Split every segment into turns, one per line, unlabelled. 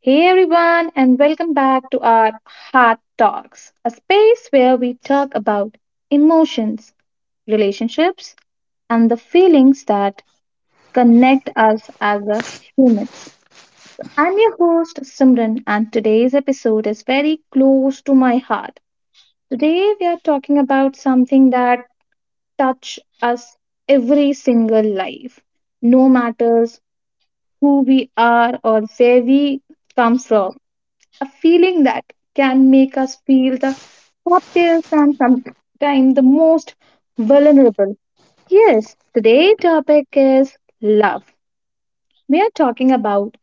Hey everyone, and welcome back to our Heart Talks, a space where we talk about emotions, relationships, and the feelings that connect us as a humans. I'm your host Simran, and today's episode is very close to my heart. Today we are talking about something that touch us every single life, no matters who we are or where we come from a feeling that can make us feel the happiest and sometimes the most vulnerable. Yes, today's topic is love. We are talking about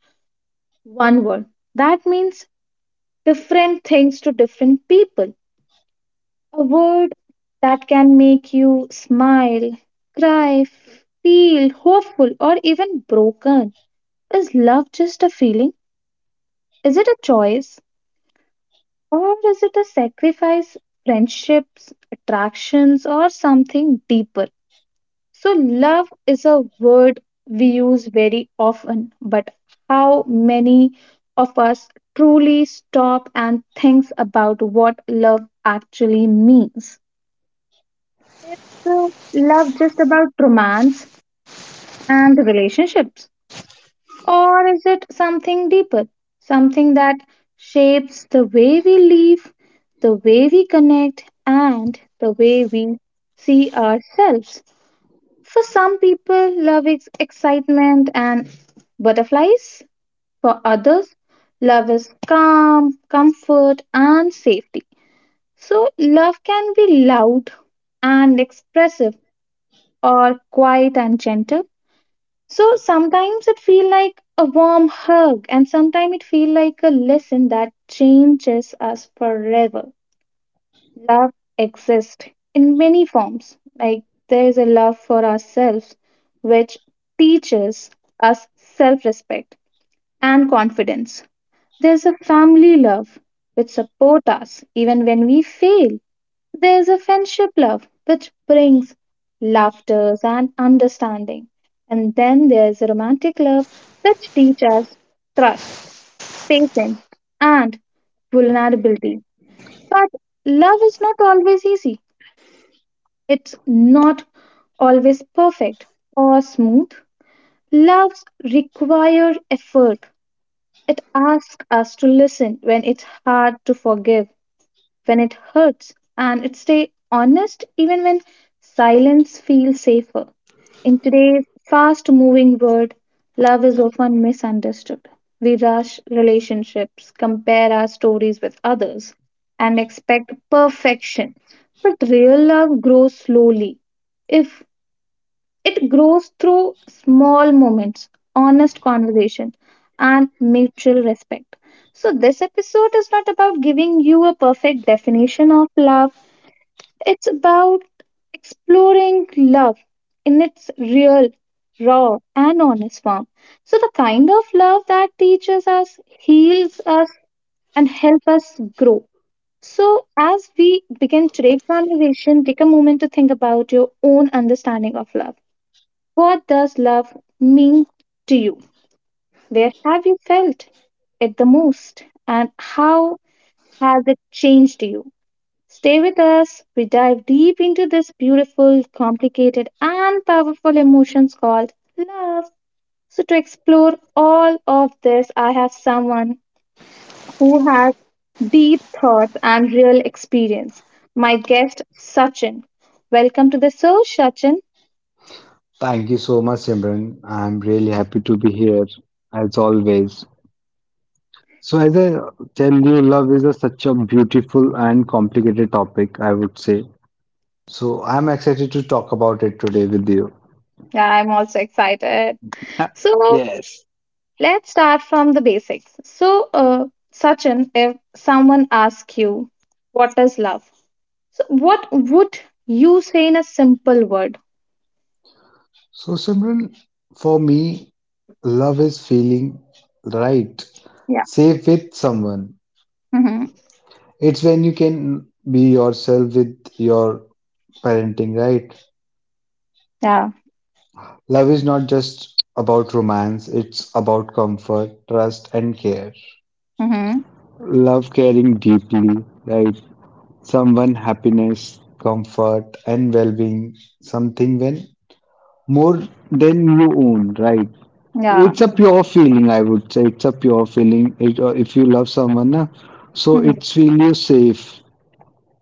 one word. That means different things to different people. A word that can make you smile, cry, feel hopeful, or even broken. Is love just a feeling? Is it a choice? Or is it a sacrifice, friendships, attractions, or something deeper? So, love is a word we use very often, but how many of us truly stop and think about what love actually means? Is uh, love just about romance and relationships? Or is it something deeper? Something that shapes the way we live, the way we connect, and the way we see ourselves. For some people, love is excitement and butterflies. For others, love is calm, comfort, and safety. So, love can be loud and expressive, or quiet and gentle, so sometimes it feel like a warm hug and sometimes it feel like a lesson that changes us forever. Love exists in many forms. Like there is a love for ourselves which teaches us self-respect and confidence. There's a family love which supports us even when we fail. There's a friendship love which brings laughter and understanding. And then there's a romantic love which teaches us trust, patience, and vulnerability. But love is not always easy. It's not always perfect or smooth. Loves require effort, it asks us to listen when it's hard, to forgive when it hurts, and it stay honest even when silence feels safer. In today's fast moving world, love is often misunderstood. We rush relationships, compare our stories with others, and expect perfection. But real love grows slowly. If it grows through small moments, honest conversation, and mutual respect. So, this episode is not about giving you a perfect definition of love, it's about exploring love in its real, raw, and honest form. So, the kind of love that teaches us, heals us, and helps us grow. So, as we begin today's conversation, take a moment to think about your own understanding of love. What does love mean to you? Where have you felt it the most? And how has it changed you? Stay with us. We dive deep into this beautiful, complicated, and powerful emotions called love. So, to explore all of this, I have someone who has deep thoughts and real experience. My guest, Sachin. Welcome to the show, Sachin.
Thank you so much, Simran. I'm really happy to be here as always. So, as I tell you, love is such a beautiful and complicated topic, I would say. So, I'm excited to talk about it today with you.
Yeah, I'm also excited. So,
Yes.
let's start from the basics. So, Sachin, if someone asks you, what is love? So, what would you say in a simple word?
So, Simran, for me, love is feeling right,
Yeah.
safe with someone.
Mm-hmm.
It's when you can be yourself with your parenting, right?
Yeah.
Love is not just about romance, it's about comfort, trust, and care.
Mm-hmm.
Love caring deeply, like someone happiness, comfort, and well being, something when more than you own, right?
Yeah.
It's a pure feeling, I would say. It's a pure feeling. If you love someone, na, so
Mm-hmm.
it feels you safe.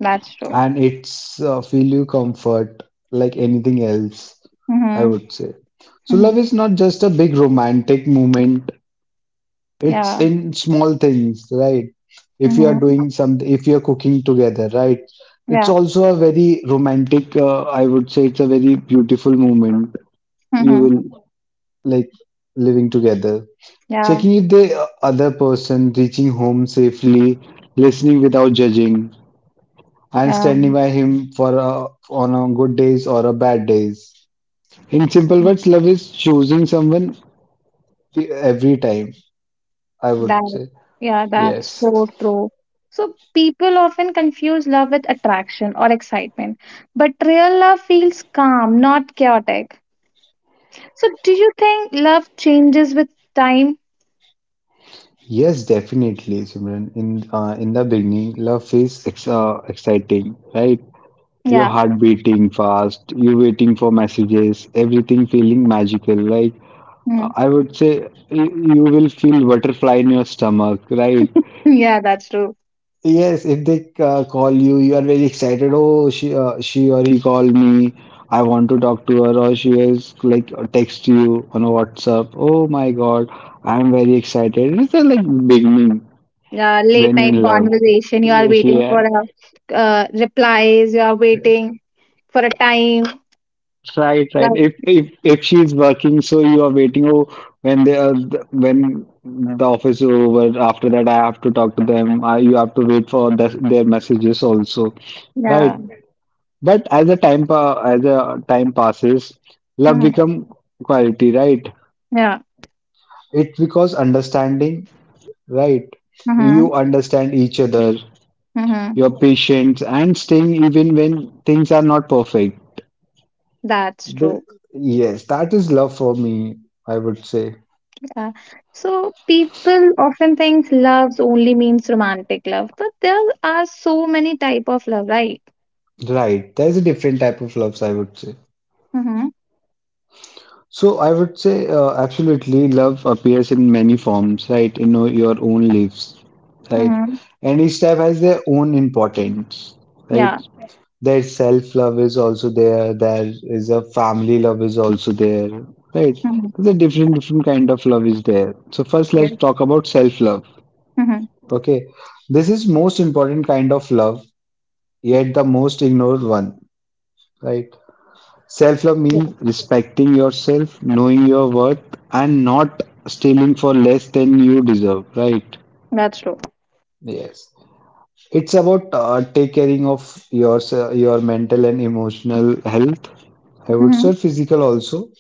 That's true.
And it's feel you comfort like anything else, I
Mm-hmm.
would say. So
Mm-hmm.
love is not just a big romantic moment. It's
Yeah.
in small things, right? If you are
Mm-hmm.
doing something, if you are cooking together, right? It's
Yeah.
also a very romantic, I would say it's a very beautiful moment. You
Mm-hmm.
will like living together.
Yeah.
Checking if the other person, reaching home safely, listening without judging and
Yeah.
standing by him for on a good days or a bad days. In simple words, love is choosing someone every time, I would
That.
say.
Yeah. That's
Yes.
so true. So, people often confuse love with attraction or excitement, but real love feels calm, not chaotic. So, do you think love changes with time?
Yes, definitely, Simran. In the beginning, love is ex exciting, right? Your
Yeah,
heart beating fast, you waiting for messages, everything feeling magical. Like
mm.
I would say, you will feel butterfly in your stomach, right?
Yeah, that's true.
Yes, if they call you, you are very excited. Oh, she or he called me. I want to talk to her, or she is like text you on a WhatsApp. Oh my God, I'm very excited. It's a like beginning
Yeah, late
when you're
night
in love.
conversation, you are waiting
Yeah,
for a, replies, you are waiting for a time.
right, right.
Love,
If she's working, so you are waiting. Oh, when they are when the office is over. After that, I have to talk to them. You have to wait for their messages also.
yeah.
Right. But as the time passes, love
Hmm.
become quality, right?
Yeah.
It because understanding, right?
Hmm.
You understand each other,
Hmm,
your patience, and staying even when things are not perfect.
that's
The,
true.
yes, that is love for me, I would say.
Yeah. So, people often think love only means romantic love, but there are so many type of love, right?
Right, there's a different type of loves, I would say.
Mm-hmm.
So I would say absolutely love appears in many forms, right? You know, your own lives, right?
Mm-hmm.
And each type has their own importance, right?
Yeah.
Their self-love is also there is a family love is also there, right?
Mm-hmm.
There's a different kind of love is there. So first let's
Yes.
talk about self-love.
Mm-hmm.
Okay. This is most important kind of love, yet the most ignored one, right? Self love
Yeah.
means respecting yourself, knowing your worth, and not stealing for less than you deserve, right?
That's true.
Yes. It's about take caring of your mental and emotional health. I would
Mm-hmm.
say physical also.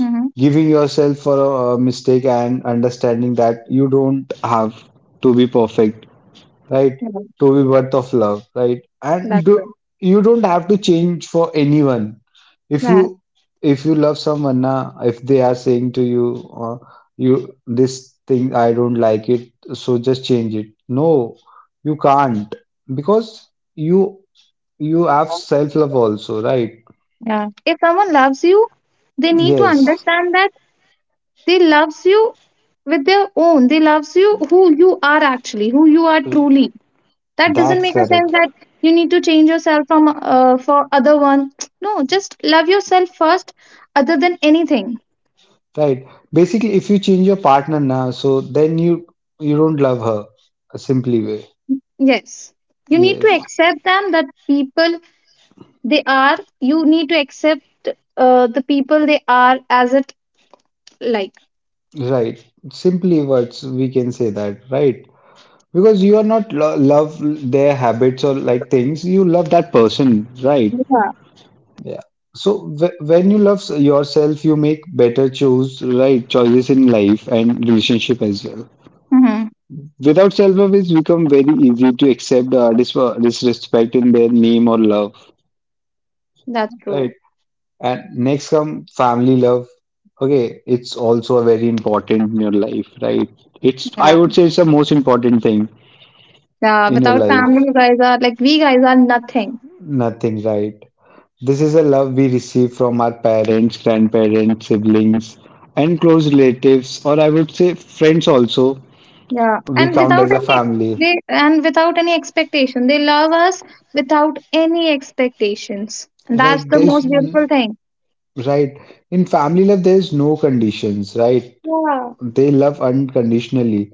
Mm-hmm.
Giving yourself for a mistake and understanding that you don't have to be perfect, right?
Yeah,
To be worth of love, right? And
that's
do,
it.
you don't have to change for anyone. If
That,
you if you love someone, na, if they are saying to you, you this thing I don't like it, so just change it. No, you can't because you you have self love also, right?
yeah. If someone loves you, they need to
Yes,
understand that they loves you with their own. They loves you who you are actually, who you are truly. That doesn't
that's
make a sense
correct.
that you need to change yourself from for other one. No, just love yourself first, other than anything.
Right. Basically, if you change your partner now, so then you don't love her. A simply way.
Yes. You need to
Yes.
accept them that people they are. You need to accept the people they are as it like.
Right. Simply words, we can say that, right? Because you are not lo love their habits or like things, you love that person, right?
Yeah.
Yeah. So w when you love yourself, you make better choices in life and relationship as well.
Mm-hmm.
Without self-love, it's become very easy to accept disrespect in their name or love,
That's
right?
true.
And next come family love. Okay, it's also very important in your life, right? It's
Yeah,
I would say it's the most important thing
yeah.
in your
Without family,
life.
you guys are like we guys are nothing.
Nothing, right? This is a love we receive from our parents, grandparents, siblings, and close relatives, or I would say friends also.
Yeah,
We
and
count
without
as a
any
family,
they and without any expectation, they love us without any expectations. And that's
right?
the
There's
most beautiful thing.
right In family love, there's no conditions, right?
Yeah,
They love unconditionally.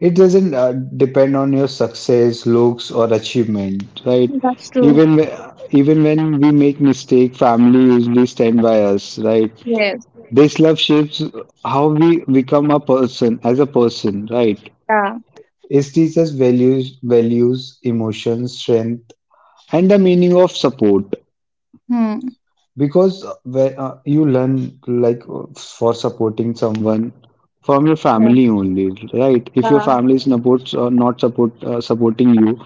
It doesn't depend on your success, looks, or achievement, right?
that's true.
Even when, even when we make mistake, family usually stand by us, right?
Yes.
This love shapes how we become a person as a person, right?
Yeah.
It teaches values, emotions, strength, and the meaning of support.
Hmm.
Because you learn like for supporting someone from your
Yeah.
family only, right? If your
Yeah.
family is supports or not support supporting you,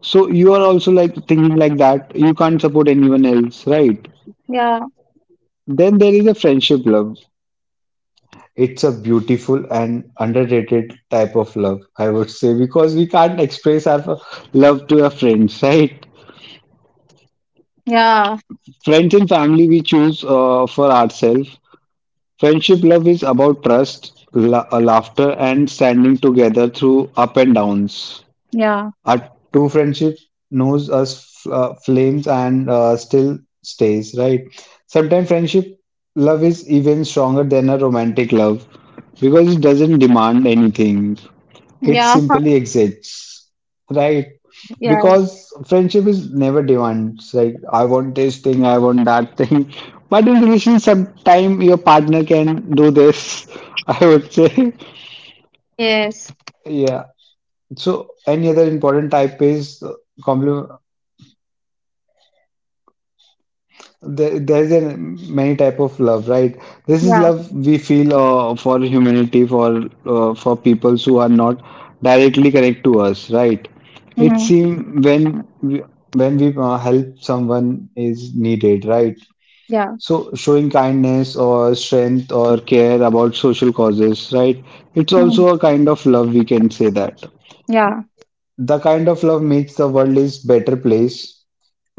so you are also like thinking like that. You can't support anyone else, right?
Yeah.
Then there is a friendship love. It's a beautiful and underrated type of love, I would say, because we can't express our love to our friends, right?
Yeah.
Friends and family we choose for ourselves. Friendship love is about trust, laughter, and standing together through up and downs.
Yeah.
Our true friendship knows us flames and still stays, right? Sometimes friendship love is even stronger than a romantic love because it doesn't demand anything. It
Yeah.
simply exists, right?
Yes.
Because friendship is never demands like I want this thing, I want that thing. But in relation, sometime your partner can do this. I would say.
Yes.
Yeah. So any other important type is complement. There's a many type of love, right? This is
Yeah.
love we feel for humanity, for people who are not directly connect to us, right? It
Mm-hmm.
seems when we help someone is needed, right?
Yeah.
So showing kindness or strength or care about social causes, right? It's also a
Mm-hmm.
kind of love we can say that.
Yeah.
The kind of love makes the world is better place.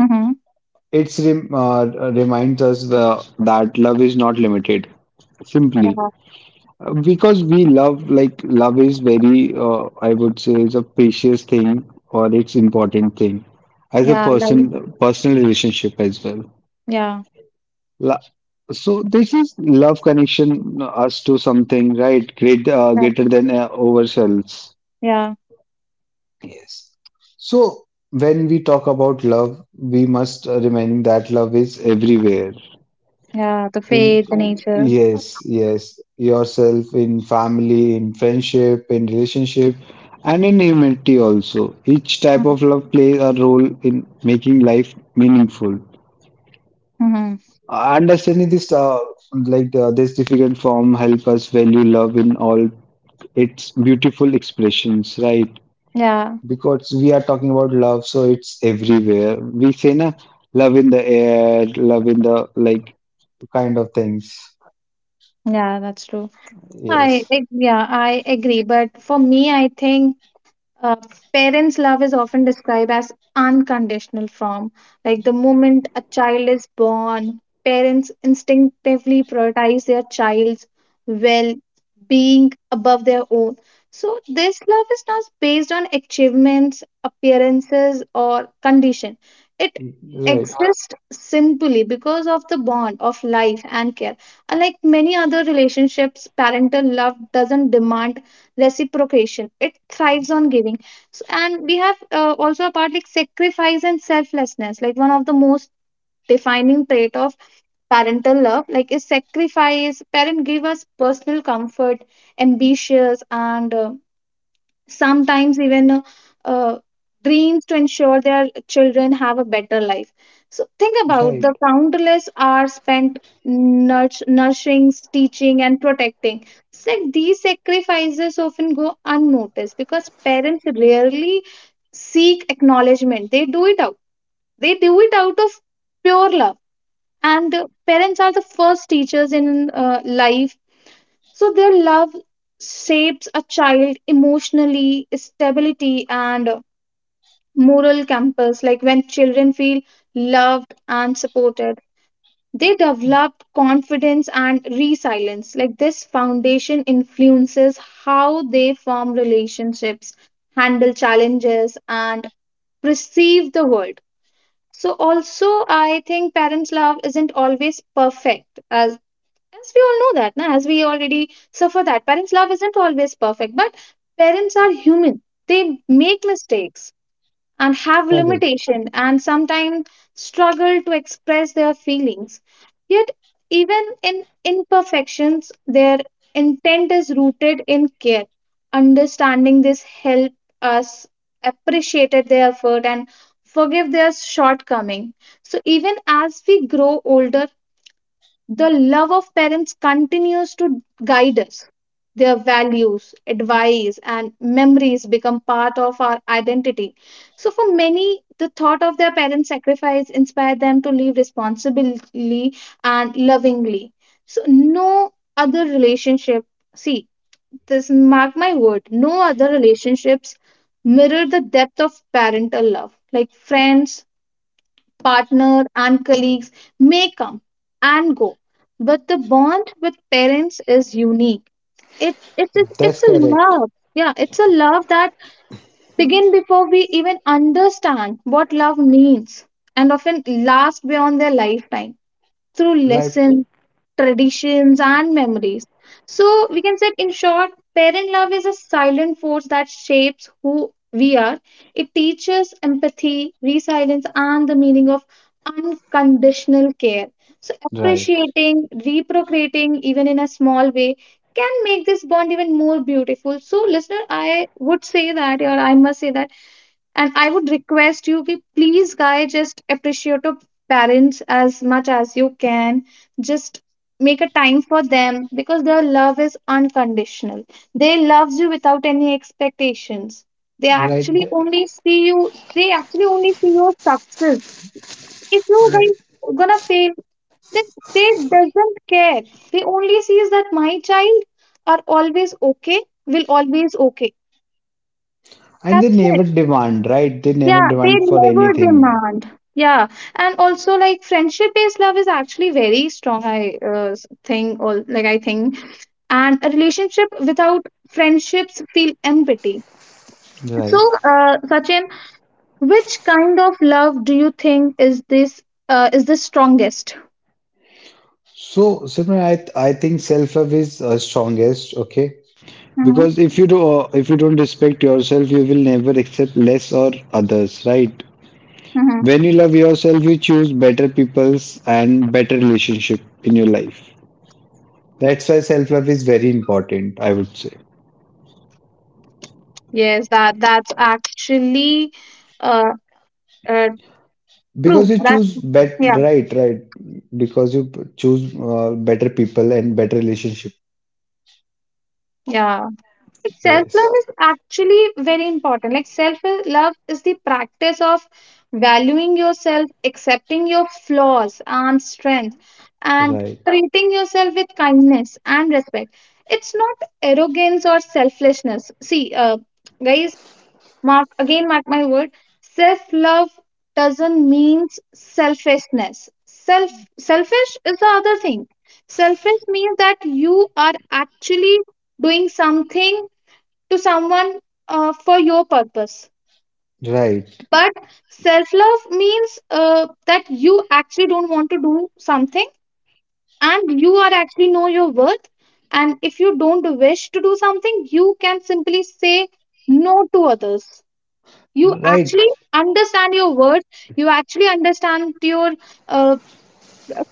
Mm-hmm.
It's rem reminds us that love is not limited, simply.
Yeah.
Because we love, love is very, I would say, is a precious thing or it's important thing as a
Yeah. Love.
person, personal relationship as well.
Yeah.
La So this is love connection us to something, right? Greater than ourselves.
Yeah.
Yes. So when we talk about love, we must remind that love is everywhere.
Yeah. The
In
faith, the nature.
Yes, yes, yourself in family, in friendship, in relationship, and in humanity also. Each
Hmm.
type of love plays a role in making life meaningful.
Hmm.
Understanding this difficult form, help us value love in all its beautiful expressions, right?
Yeah,
Because we are talking about love, so it's everywhere. We say na love in the air, love in the like kind of things.
yeah, that's true.
Yes.
I agree. But for me, I think Uh, parents' love is often described as unconditional form. Like the moment a child is born, parents instinctively prioritize their child's well being above their own. So, this love is not based on achievements, appearances, or condition. It
Right,
exists simply because of the bond of life and care. Unlike many other relationships, parental love doesn't demand reciprocation, it thrives on giving. And we have also a part like sacrifice and selflessness, like one of the most defining trait of parental love, like, is sacrifice. Parent give us personal comfort, ambitious, and sometimes even uh, dreams to ensure their children have a better life. So think about
right,
the countless hours spent nourishing, teaching, and protecting. It's like these sacrifices often go unnoticed because parents rarely seek acknowledgement. They do it out. They do it out of pure love. And parents are the first teachers in life, so their love shapes a child emotionally, stability, and moral compass. Like when children feel loved and supported, they develop confidence and resilience. Like this foundation influences how they form relationships, handle challenges, and perceive the world. So also I think parents' love isn't always perfect, as we all know that, na, as we already suffer that, parents' love isn't always perfect, but parents are human. They make mistakes and have
correct.
limitation and sometimes struggle to express their feelings. Yet, even in imperfections, their intent is rooted in care. Understanding this help us appreciate their effort and forgive their shortcoming. So even as we grow older, the love of parents continues to guide us. Their values, advice, and memories become part of our identity. So, for many, the thought of their parents' sacrifice inspired them to live responsibly and lovingly. So, no other relationship, see, this, mark my word, no other relationships mirror the depth of parental love. Like friends, partner, and colleagues may come and go, but the bond with parents is unique. It is
That's
it's a
correct.
love. Yeah, it's a love that begin before we even understand what love means and often last beyond their lifetime through
Right,
lessons, traditions, and memories. So, we can say, in short, parent love is a silent force that shapes who we are. It teaches empathy, resilience, and the meaning of unconditional care. So,
right,
appreciating, reprocreating, even in a small way, can make this bond even more beautiful. So, listener, I would say that, or I must say that, and I would request you, ki, please, guys, just appreciate your parents as much as you can. Just make a time for them because their love is unconditional. They love you without any expectations. They
right,
actually only see you. They actually only see your success. If you
right.
guys gonna fail, then they doesn't care. They only sees that my child are always okay. Will always okay.
And they
That's,
never demand, right? They never
yeah, they
demand for
never
anything,
demand. Yeah, and also like friendship-based love is actually very strong. I think, or like I think, and a relationship without friendships feel empty. So,
right?
Sachin, which kind of love do you think is this is the strongest?
So, Simran, I think self-love is strongest, okay?
Hmm.
Because if you don't respect yourself, you will never accept less or others, right?
Hmm.
When you love yourself, you choose better people's and better relationship in your life. That's why self-love is very important, I would say.
Yes, that that's actually uh, uh,
Because
true.
you
That's
choose bet
Yeah,
right, right. Because you choose better people and better relationship.
yeah. Like self-love
Yes,
is actually very important. Like self-love is the practice of valuing yourself, accepting your flaws and strength, and
right,
treating yourself with kindness and respect. It's not arrogance or selflessness. See, guys, mark again, mark my word. Self-love doesn't mean selfishness. Selfish is the other thing. Selfish means that you are actually doing something to someone for your purpose.
right,
But self love means that you actually don't want to do something and you are actually know your worth. And if you don't wish to do something, you can simply say no to others. You
right,
actually understand your worth, you actually understand your uh,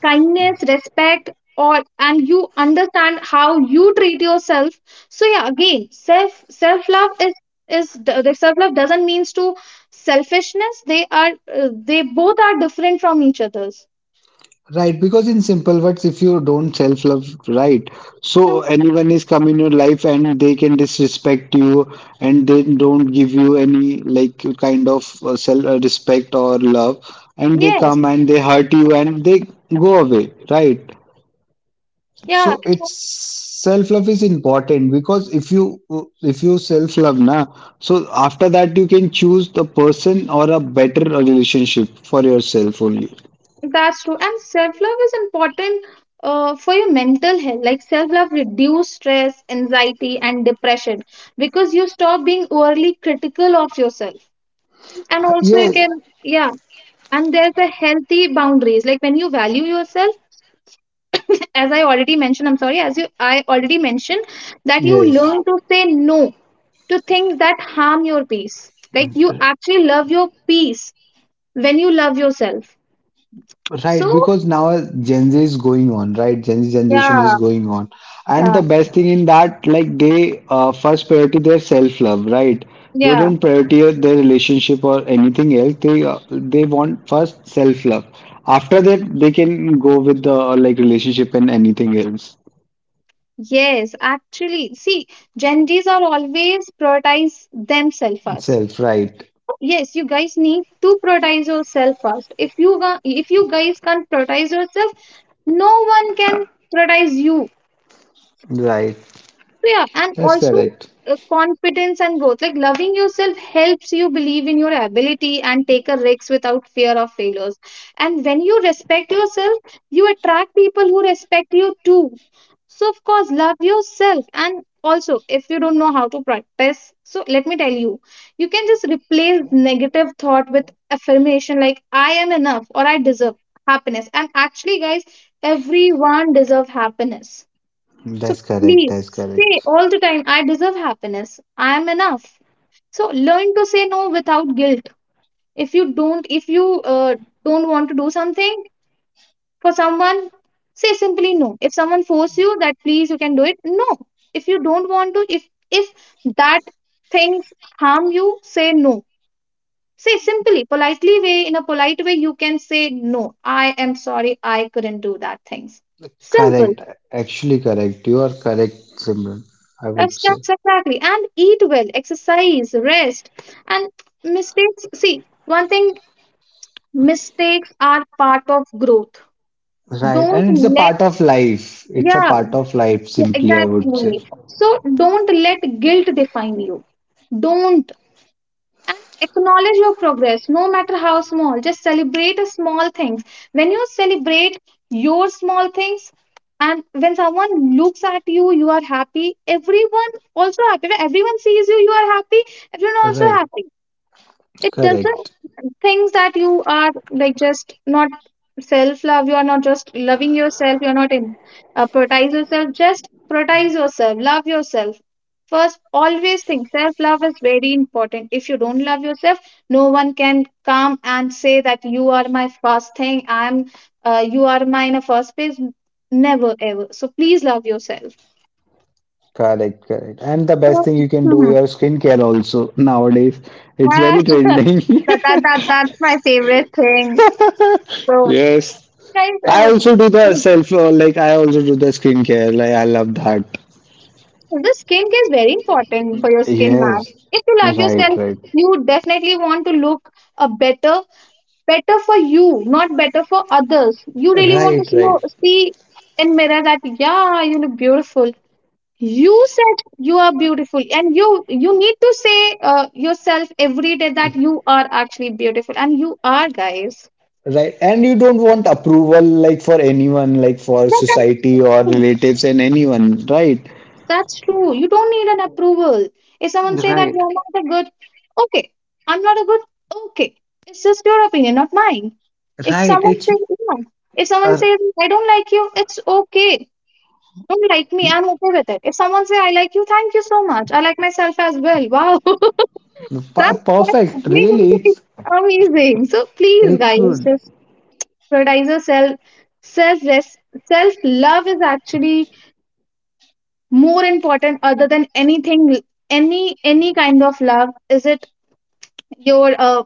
kindness respect or and you understand how you treat yourself. So yeah, again, self love is the self love doesn't means to selfishness, they are they both are different from each others.
right. Because in simple words, if you don't self-love, right,
Hmm.
so anyone is come in your life and they can disrespect you and they don't give you any like kind of self respect or love, and they
Yes,
come and they hurt you and they go away, right?
yeah,
So it's self-love is important because if you self-love na, so after that you can choose the person or a better relationship for yourself only.
that's true. And self love is important, for your mental health. Like self love reduce stress anxiety and depression because you stop being overly critical of yourself. And also you
Yes,
can, yeah, and there's a healthy boundaries. Like when you value yourself, as I already mentioned I'm sorry as you I already mentioned that you
yes.
learn to say no to things that harm your peace. Like you actually love your peace when you love yourself.
Right,
So
because now Gen Z is going on, right? Gen Z generation is
yeah,
going on. And
yeah,
the best thing in that, like they first priority their self-love, right? They
yeah,
don't priority their relationship or anything else. They want first self-love. After that, they can go with the like relationship and anything else.
yes, actually see, gen d's are always prioritize themselves first.
Right,
Yes, you guys need to prioritize yourself first. If you guys can't prioritize yourself, no one can prioritize you.
right.
So yeah, and
That's
also,
correct.
confidence and growth, like loving yourself helps you believe in your ability and take a risk without fear of failures. And when you respect yourself, you attract people who respect you too. So of course love yourself. And also if you don't know how to practice, so let me tell you, you can just replace negative thought with affirmation like I am enough or I deserve happiness. And actually guys, everyone deserve happiness. So
That's correct.
please
That's
say
correct.
all the time, I deserve happiness. I am enough. So learn to say no without guilt. If you don't want to do something for someone, say simply no. If someone force you that please you can do it, no. If you don't want to, if that things harm you, say no. Say simply, politely way, in a polite way, you can say no. I am sorry, I couldn't do that things. Simple.
Correct. Actually correct. You are correct, Simran, I would
That's
say.
that's exactly. And eat well, exercise, rest, and mistakes. See, one thing, mistakes are part of growth.
Right.
Don't
And it's a
let,
part of life. It's a
yeah,
part of life,
yeah,
simply, I would say.
exactly. So don't let guilt define you. Don't. And acknowledge your progress no matter how small. Just celebrate the small things. When you celebrate your small things, and when someone looks at you, you are happy, everyone also happy. When everyone sees you, you are happy, everyone also
Right.
happy. It
Correct.
doesn't things that you are like just not self love. You are not just loving yourself. You're not in, prioritize yourself. Just prioritize yourself. Love yourself first. Always think self love is very important. If you don't love yourself, no one can come and say that you are my first thing. I'm you are my in a first place, never ever. So please love yourself.
Correct. Correct. And the best thing you can do
Mhm.
your skincare also nowadays. It's very
that,
trending.
that, that, that's my favorite thing. So
Yes.
guys,
I also do the skincare. Like, I love that.
the skin is very important for your skin, man.
Yes.
If you love
Right.
yourself,
Right.
you definitely want to look a better, better for you, not better for others. You really want to
Right,
see,
right,
see in mirror that yeah, you look beautiful. You said you are beautiful, and you need to say yourself every day that you are actually beautiful, and you are, guys.
right. And you don't want approval like for anyone, like for society or
That
relatives and anyone, right?
That's true. You don't need an approval. If someone say that
Right.
you're not a good, okay, I'm not a good, okay. It's just your opinion, not mine. If
Right.
someone says yeah, if someone
Uh,
says I don't like you, it's okay. Don't like me. I'm okay with it. If someone say I like you, thank you so much. I like myself as well. Wow, that's
Perfect. Really,
really
it's
amazing. So please,
it's
guys,
good.
just prioritize yourself. Self Self love is actually more important other than anything. Any kind of love, is it your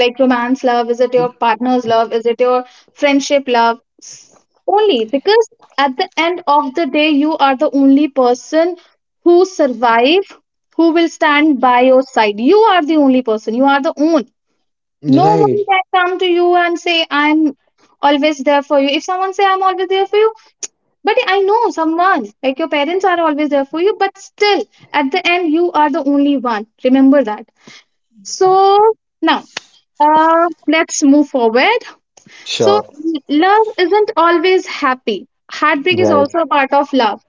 like romance love, is it your partner's love, is it your friendship love, only because at the end of the day you are the only person who survive, who will stand by your side. You are the only person, you are the own. No one
Right,
can come to you and say I'm always there for you. If someone say I'm always there for you, but I know someone, like your parents are always there for you, but still, at the end, you are the only one. Remember that. So now, let's move forward. So
sure.
love isn't always happy, heartbreak is
Right,
also a part of love.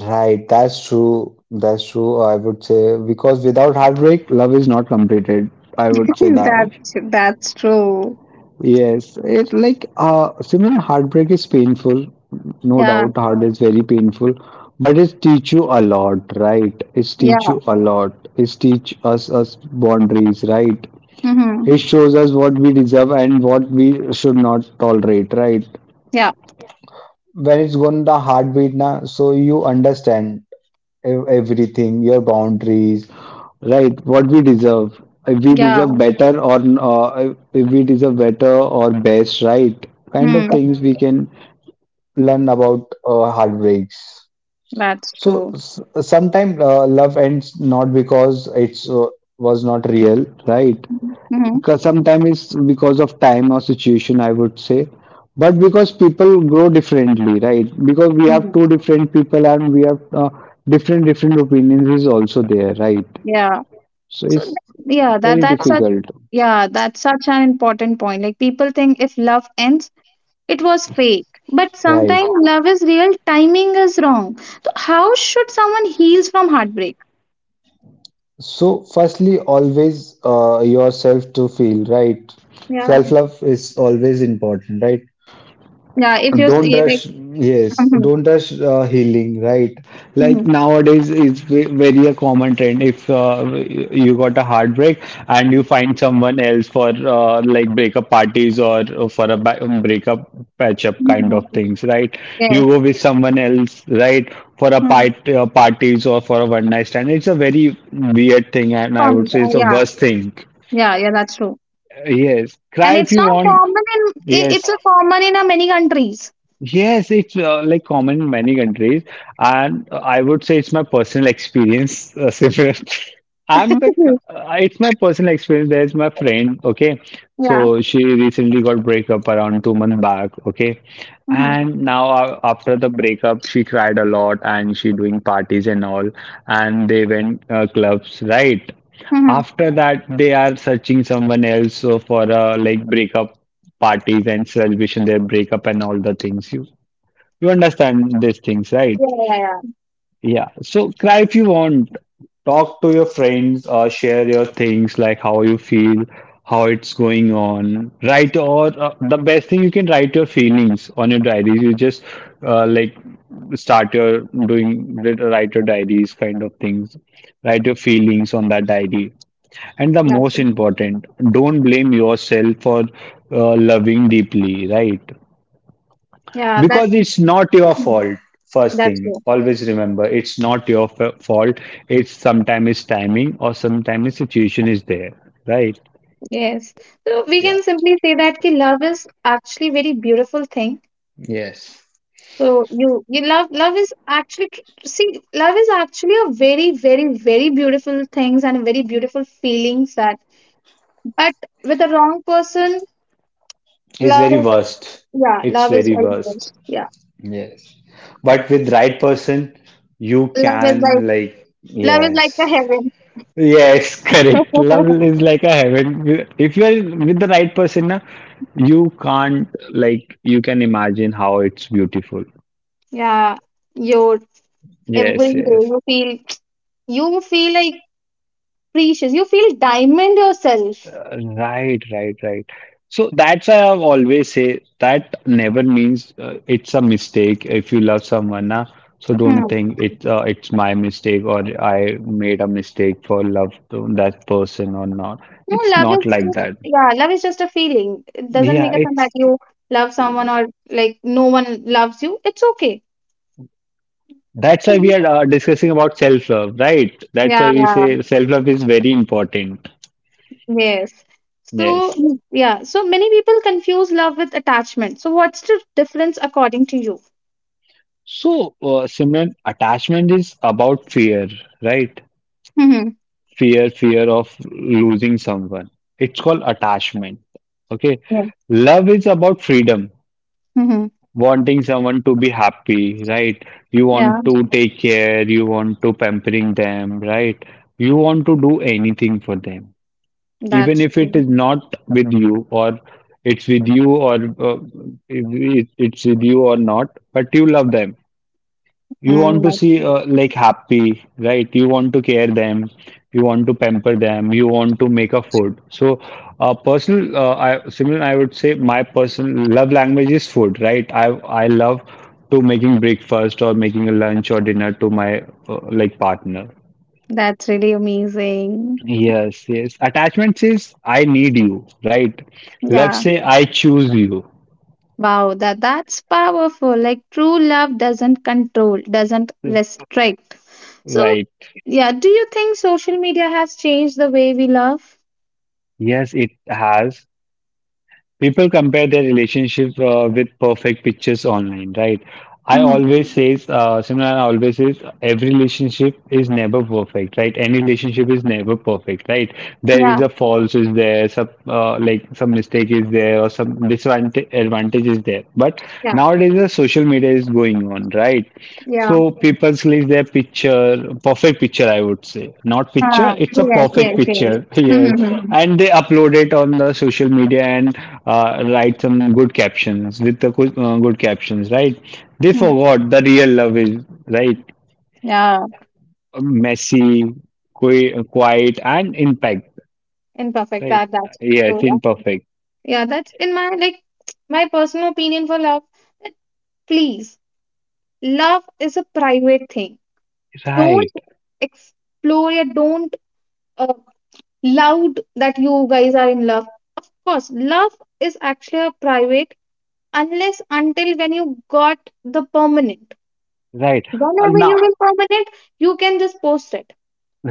right. That's true. That's true. I would say because without heartbreak, love is not completed. I would say that.
That's true.
Yes, it's like similar heartbreak is painful. No
Yeah,
doubt, heart is very painful, but it teach you a lot, right? It teach
yeah.
you a lot. It teach us boundaries, right?
Mm-hmm.
It shows us what we deserve and what we should not tolerate, right?
Yeah,
When it's gone the heartbeat na, so you understand everything, your boundaries, right? What we deserve. If we
yeah.
deserve better or if we deserve better or best, right? Kind of
Hmm.
things we can learn about heartbreaks.
That's
So
true.
sometimes love ends not because it's was not real, right?
Mm-hmm.
Because sometimes it's because of time or situation, I would say, but because people grow differently, right? Because we have
Hmm.
two different people and we have different opinions is also there, right?
Yeah.
So
So th-
it's
yeah,
very
that's a,
difficult.
yeah, that's such an important point. Like people think if love ends, it was fake, but
Right.
sometimes love is real, timing is wrong. So how should someone heals from heartbreak?
So, firstly, always yourself to feel, right?
Yeah,
Self-love is always important, right?
yeah, if you're
Don't
you like,
rush, yes,
mhm.
don't rush healing, right? Like
Mhm.
nowadays, it's very a common trend. If you got a heartbreak and you find someone else for like breakup parties or for a breakup patch up kind
Mhm.
of things, right? You
Yes.
go with someone else, right? For a
Mhm.
parties or for a one night stand. It's a very weird thing, and I
Common.
would say
Yeah,
it's a
yeah.
worst thing.
Yeah, yeah, that's true.
Yes,
And
cry if
it's
you
not
want.
common in,
Yes.
it's a common in many countries.
Yes, it's like common in many countries, and I would say it's my personal experience. Similar.
Mhm.
It's my personal experience. There's my friend, okay,
Yeah.
so she recently got breakup around 2 months back, okay,
Mhm.
and now after the breakup, she cried a lot and she doing parties and all, and they went clubs, right?
Mhm.
After that, they are searching someone else so for like breakup parties and celebration their breakup and all the things. You understand these things, right?
Yeah, yeah, yeah,
Yeah. So cry if you want. Talk to your friends or share your things, like how you feel, how it's going on. Write or the best thing you can write your feelings on your diaries. You just uh, like start your doing write your diaries kind of things. Write your feelings on that diary. And the
that's
most
true.
important, don't blame yourself for loving deeply, right?
Yeah that
Because it's not your
Mhm.
fault. First
That's
thing,
true.
always remember it's not your fault. It's sometimes it's timing or sometimes situation is there, right?
Yes. So we can simply say that ki love is actually very beautiful thing.
Yes.
So you love, love is actually see, love is actually a very, very, very beautiful things and a very beautiful feelings that, but with the wrong person
It's
love
very
is,
worst.
yeah,
It's
love is
very
very
worst.
first, yeah.
Yes. But with right person, you
Love is like,
can like
love is like the
yes.
heaven.
Yes, correct. Love is like a heaven. If you are with the right person, na, you can't like you can imagine how it's beautiful.
Yeah, your, every
Yes.
day
Yes.
you feel, you feel like precious, you feel diamond yourself.
Right, right, right. So that's why I always say that never means it's a mistake. If you love someone, na, so don't
Hmm.
think it's my mistake or I made a mistake for love to that person or not.
No,
It's
love
not
is
like
just,
that.
yeah, love is just a feeling. It doesn't
Yeah,
make a sense that
it's
you love someone or like no one loves you. It's okay.
that's why
It's
we are
just,
discussing about self-love, right? That's why
yeah,
we say self-love is very important.
yes. So
Yes.
mm, yeah, so many people confuse love with attachment. So what's the difference according to you?
So, Simran, attachment is about fear, right?
Mm-hmm.
Fear of losing someone, it's called attachment, okay.
Yeah.
Love is about freedom,
Mm-hmm.
wanting someone to be happy, right? You
Yeah,
want to take care, you want to pampering them, right? You want to do anything for them, even
that's
if it
true.
is not with you or it's with you or uh, it's with you or not, but you love them. You
Mm,
want to see
that's
like happy, right? You want to care them, you want to pamper them, you want to make a food. So similar, I would say my personal love language is food, right? I love to making breakfast or making a lunch or dinner to my like partner.
that's really amazing.
Yes, yes. Attachment says I need you, right? Love
Yeah.
say I choose you,
Wow, that's powerful. Like true love doesn't control, doesn't restrict. So
right?
yeah, do you think social media has changed the way we love?
Yes, it has. People compare their relationship with perfect pictures online, right? I
Mm-hmm.
always says, Simran always says, every relationship is never perfect, right? Any relationship is never perfect, right? There is
Yeah,
a faults is there, some like some mistake is there, or some disadvantage advantage is there. But
yeah,
nowadays, the social media is going on, right?
yeah.
So people leave their picture, perfect picture, I would say. Not
Ah,
picture, it's a
yes,
perfect
yes, yes.
picture. Yes.
Mm-hmm.
And they upload it on the social media and write some good captions with the good, good captions, right? They forgot the real love is, right?
Yeah,
Messy, quiet, and impact,
imperfect.
right?
That's
Yes,
true.
imperfect.
Yeah, that's in my like, my personal opinion for love. That please, love is a private thing.
Right,
Don't explore it. Don't. Uh, loud that you guys are in love. Of course, love is actually a private unless until when you got the permanent.
right.
Whenever you
Now,
will permanent, you can just post it.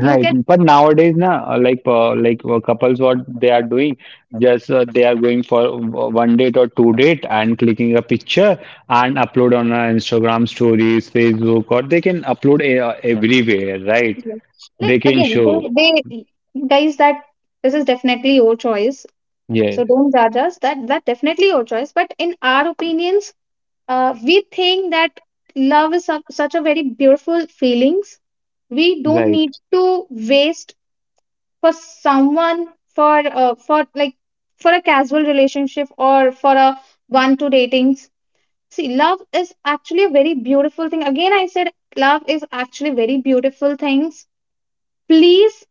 You can,
but nowadays, na, couples, what they are doing, just they are going for one date or two date and clicking a picture and upload on Instagram stories, Facebook, or they can upload a, everywhere, right?
like
They can
again,
show,
so they guys that this is definitely your choice. So
yes,
don't judge us. That definitely your choice. But in our opinions, we think that love is such, such a very beautiful feelings. We don't
right.
need to waste for someone for, for like for a casual relationship or for a one to datings. See, love is actually a very beautiful thing. Again I said, love is actually very beautiful things. Please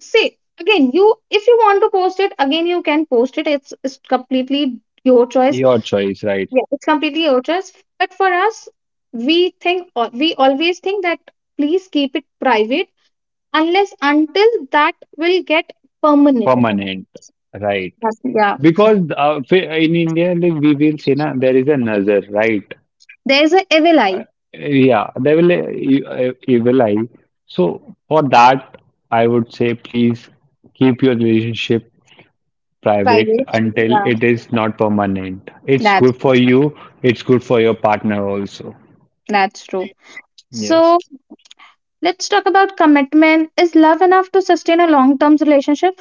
say again, you, if you want to post it again, you can post it. It's completely your choice.
Your choice, right?
Yeah, it's completely your choice. But for us, we think, or we always think that please keep it private unless until that will get permanent.
Permanent, right?
Yes, yeah.
Because in India, like we will say, na, there is a nazar, right?
There's a evil eye
Yeah, they will evil eye. So for that, I would say please keep your relationship
by.
private until
Yeah,
it is not permanent. It's
that's
good for you, it's good for your partner also.
that's true.
Yes.
So let's talk about commitment. Is love enough to sustain a long-term relationship?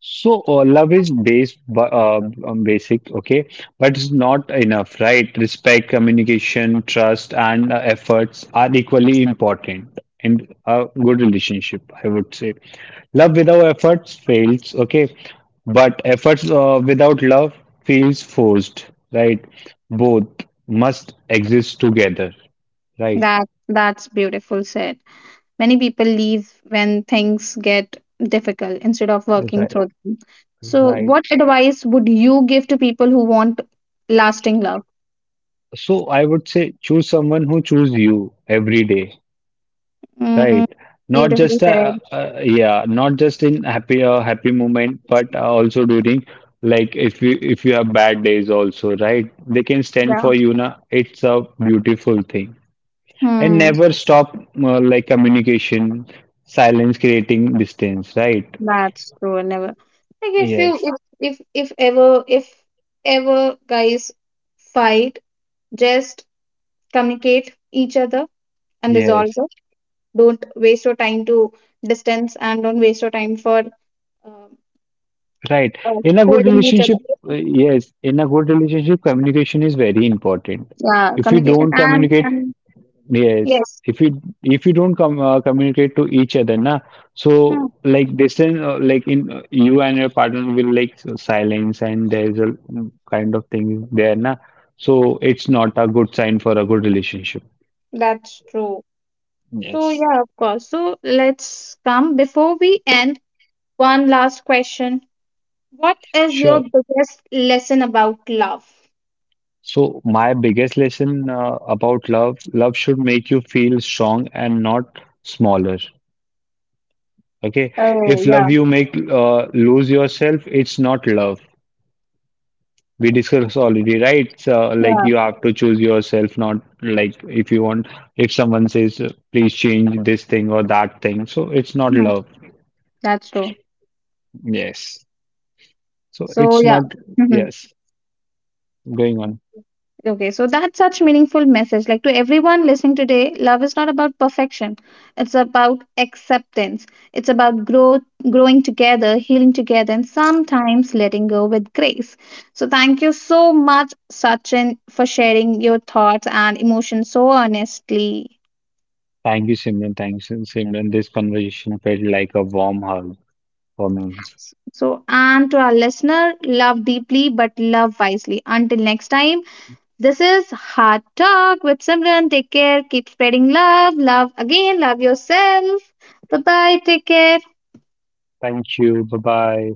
So love is basic, okay, but it's not enough, right? Respect, communication, trust, and efforts are equally important in a good relationship, I would say. Love without efforts fails, okay, but efforts without love feels forced, right? Both must exist together, right?
That's beautiful said. Many people leave when things get difficult instead of working
Right,
through them. So
right.
what advice would you give to people who want lasting love?
So I would say choose someone who choose you every day.
Mm,
Right. Not
beautifully
just a,
said.
yeah, not just in happy happy moment, but also during like if you have bad days also, right? They can stand
Yeah.
for you na. It's a beautiful thing. And
Hmm.
never stop like communication, silence creating distance, right?
That's true. I never like, if you,
Yes,
if ever, if ever guys fight, just communicate each other and resolve
yes,
it. Don't waste your time to distance and don't waste your time for uh,
right. In a good
scolding each other.
relationship, yes, in a good relationship, communication is very important.
Yeah,
If you
communication
don't communicate.
and
Yes,
yes,
if you don't communicate to each other, na,
hmm,
so like distance, like in you and your partner will like silence, and there's a mm, kind of thing there, na. So it's not a good sign for a good relationship.
that's true. So
Yes,
yeah, of course. So let's come before we end. One last question. What is your
sure.
biggest lesson about love?
So my biggest lesson about love, love should make you feel strong and not smaller. Okay,
Oh,
if
yeah.
love you make lose yourself, it's not love. We discussed already, right? So, like
Yeah.
you have to choose yourself, not like if you want, if someone says, please change this thing or that thing. So it's not
Mhm.
love.
That's true.
Yes. So
So
it's
yeah.
not,
Mhm.
yes, going on.
Okay, so that's such meaningful message. Like, to everyone listening today, love is not about perfection. It's about acceptance. It's about growth, growing together, healing together, and sometimes letting go with grace. So thank you so much, Sachin, for sharing your thoughts and emotions so honestly.
Thank you, Simran. Thanks, Simran. This conversation felt like a warm hug for me.
So and to our listener, love deeply but love wisely. Until next time. This is Hard Talk with Simran. Take care. Keep spreading love. Love again. Love yourself. Bye bye. Take care.
Thank you. Bye bye.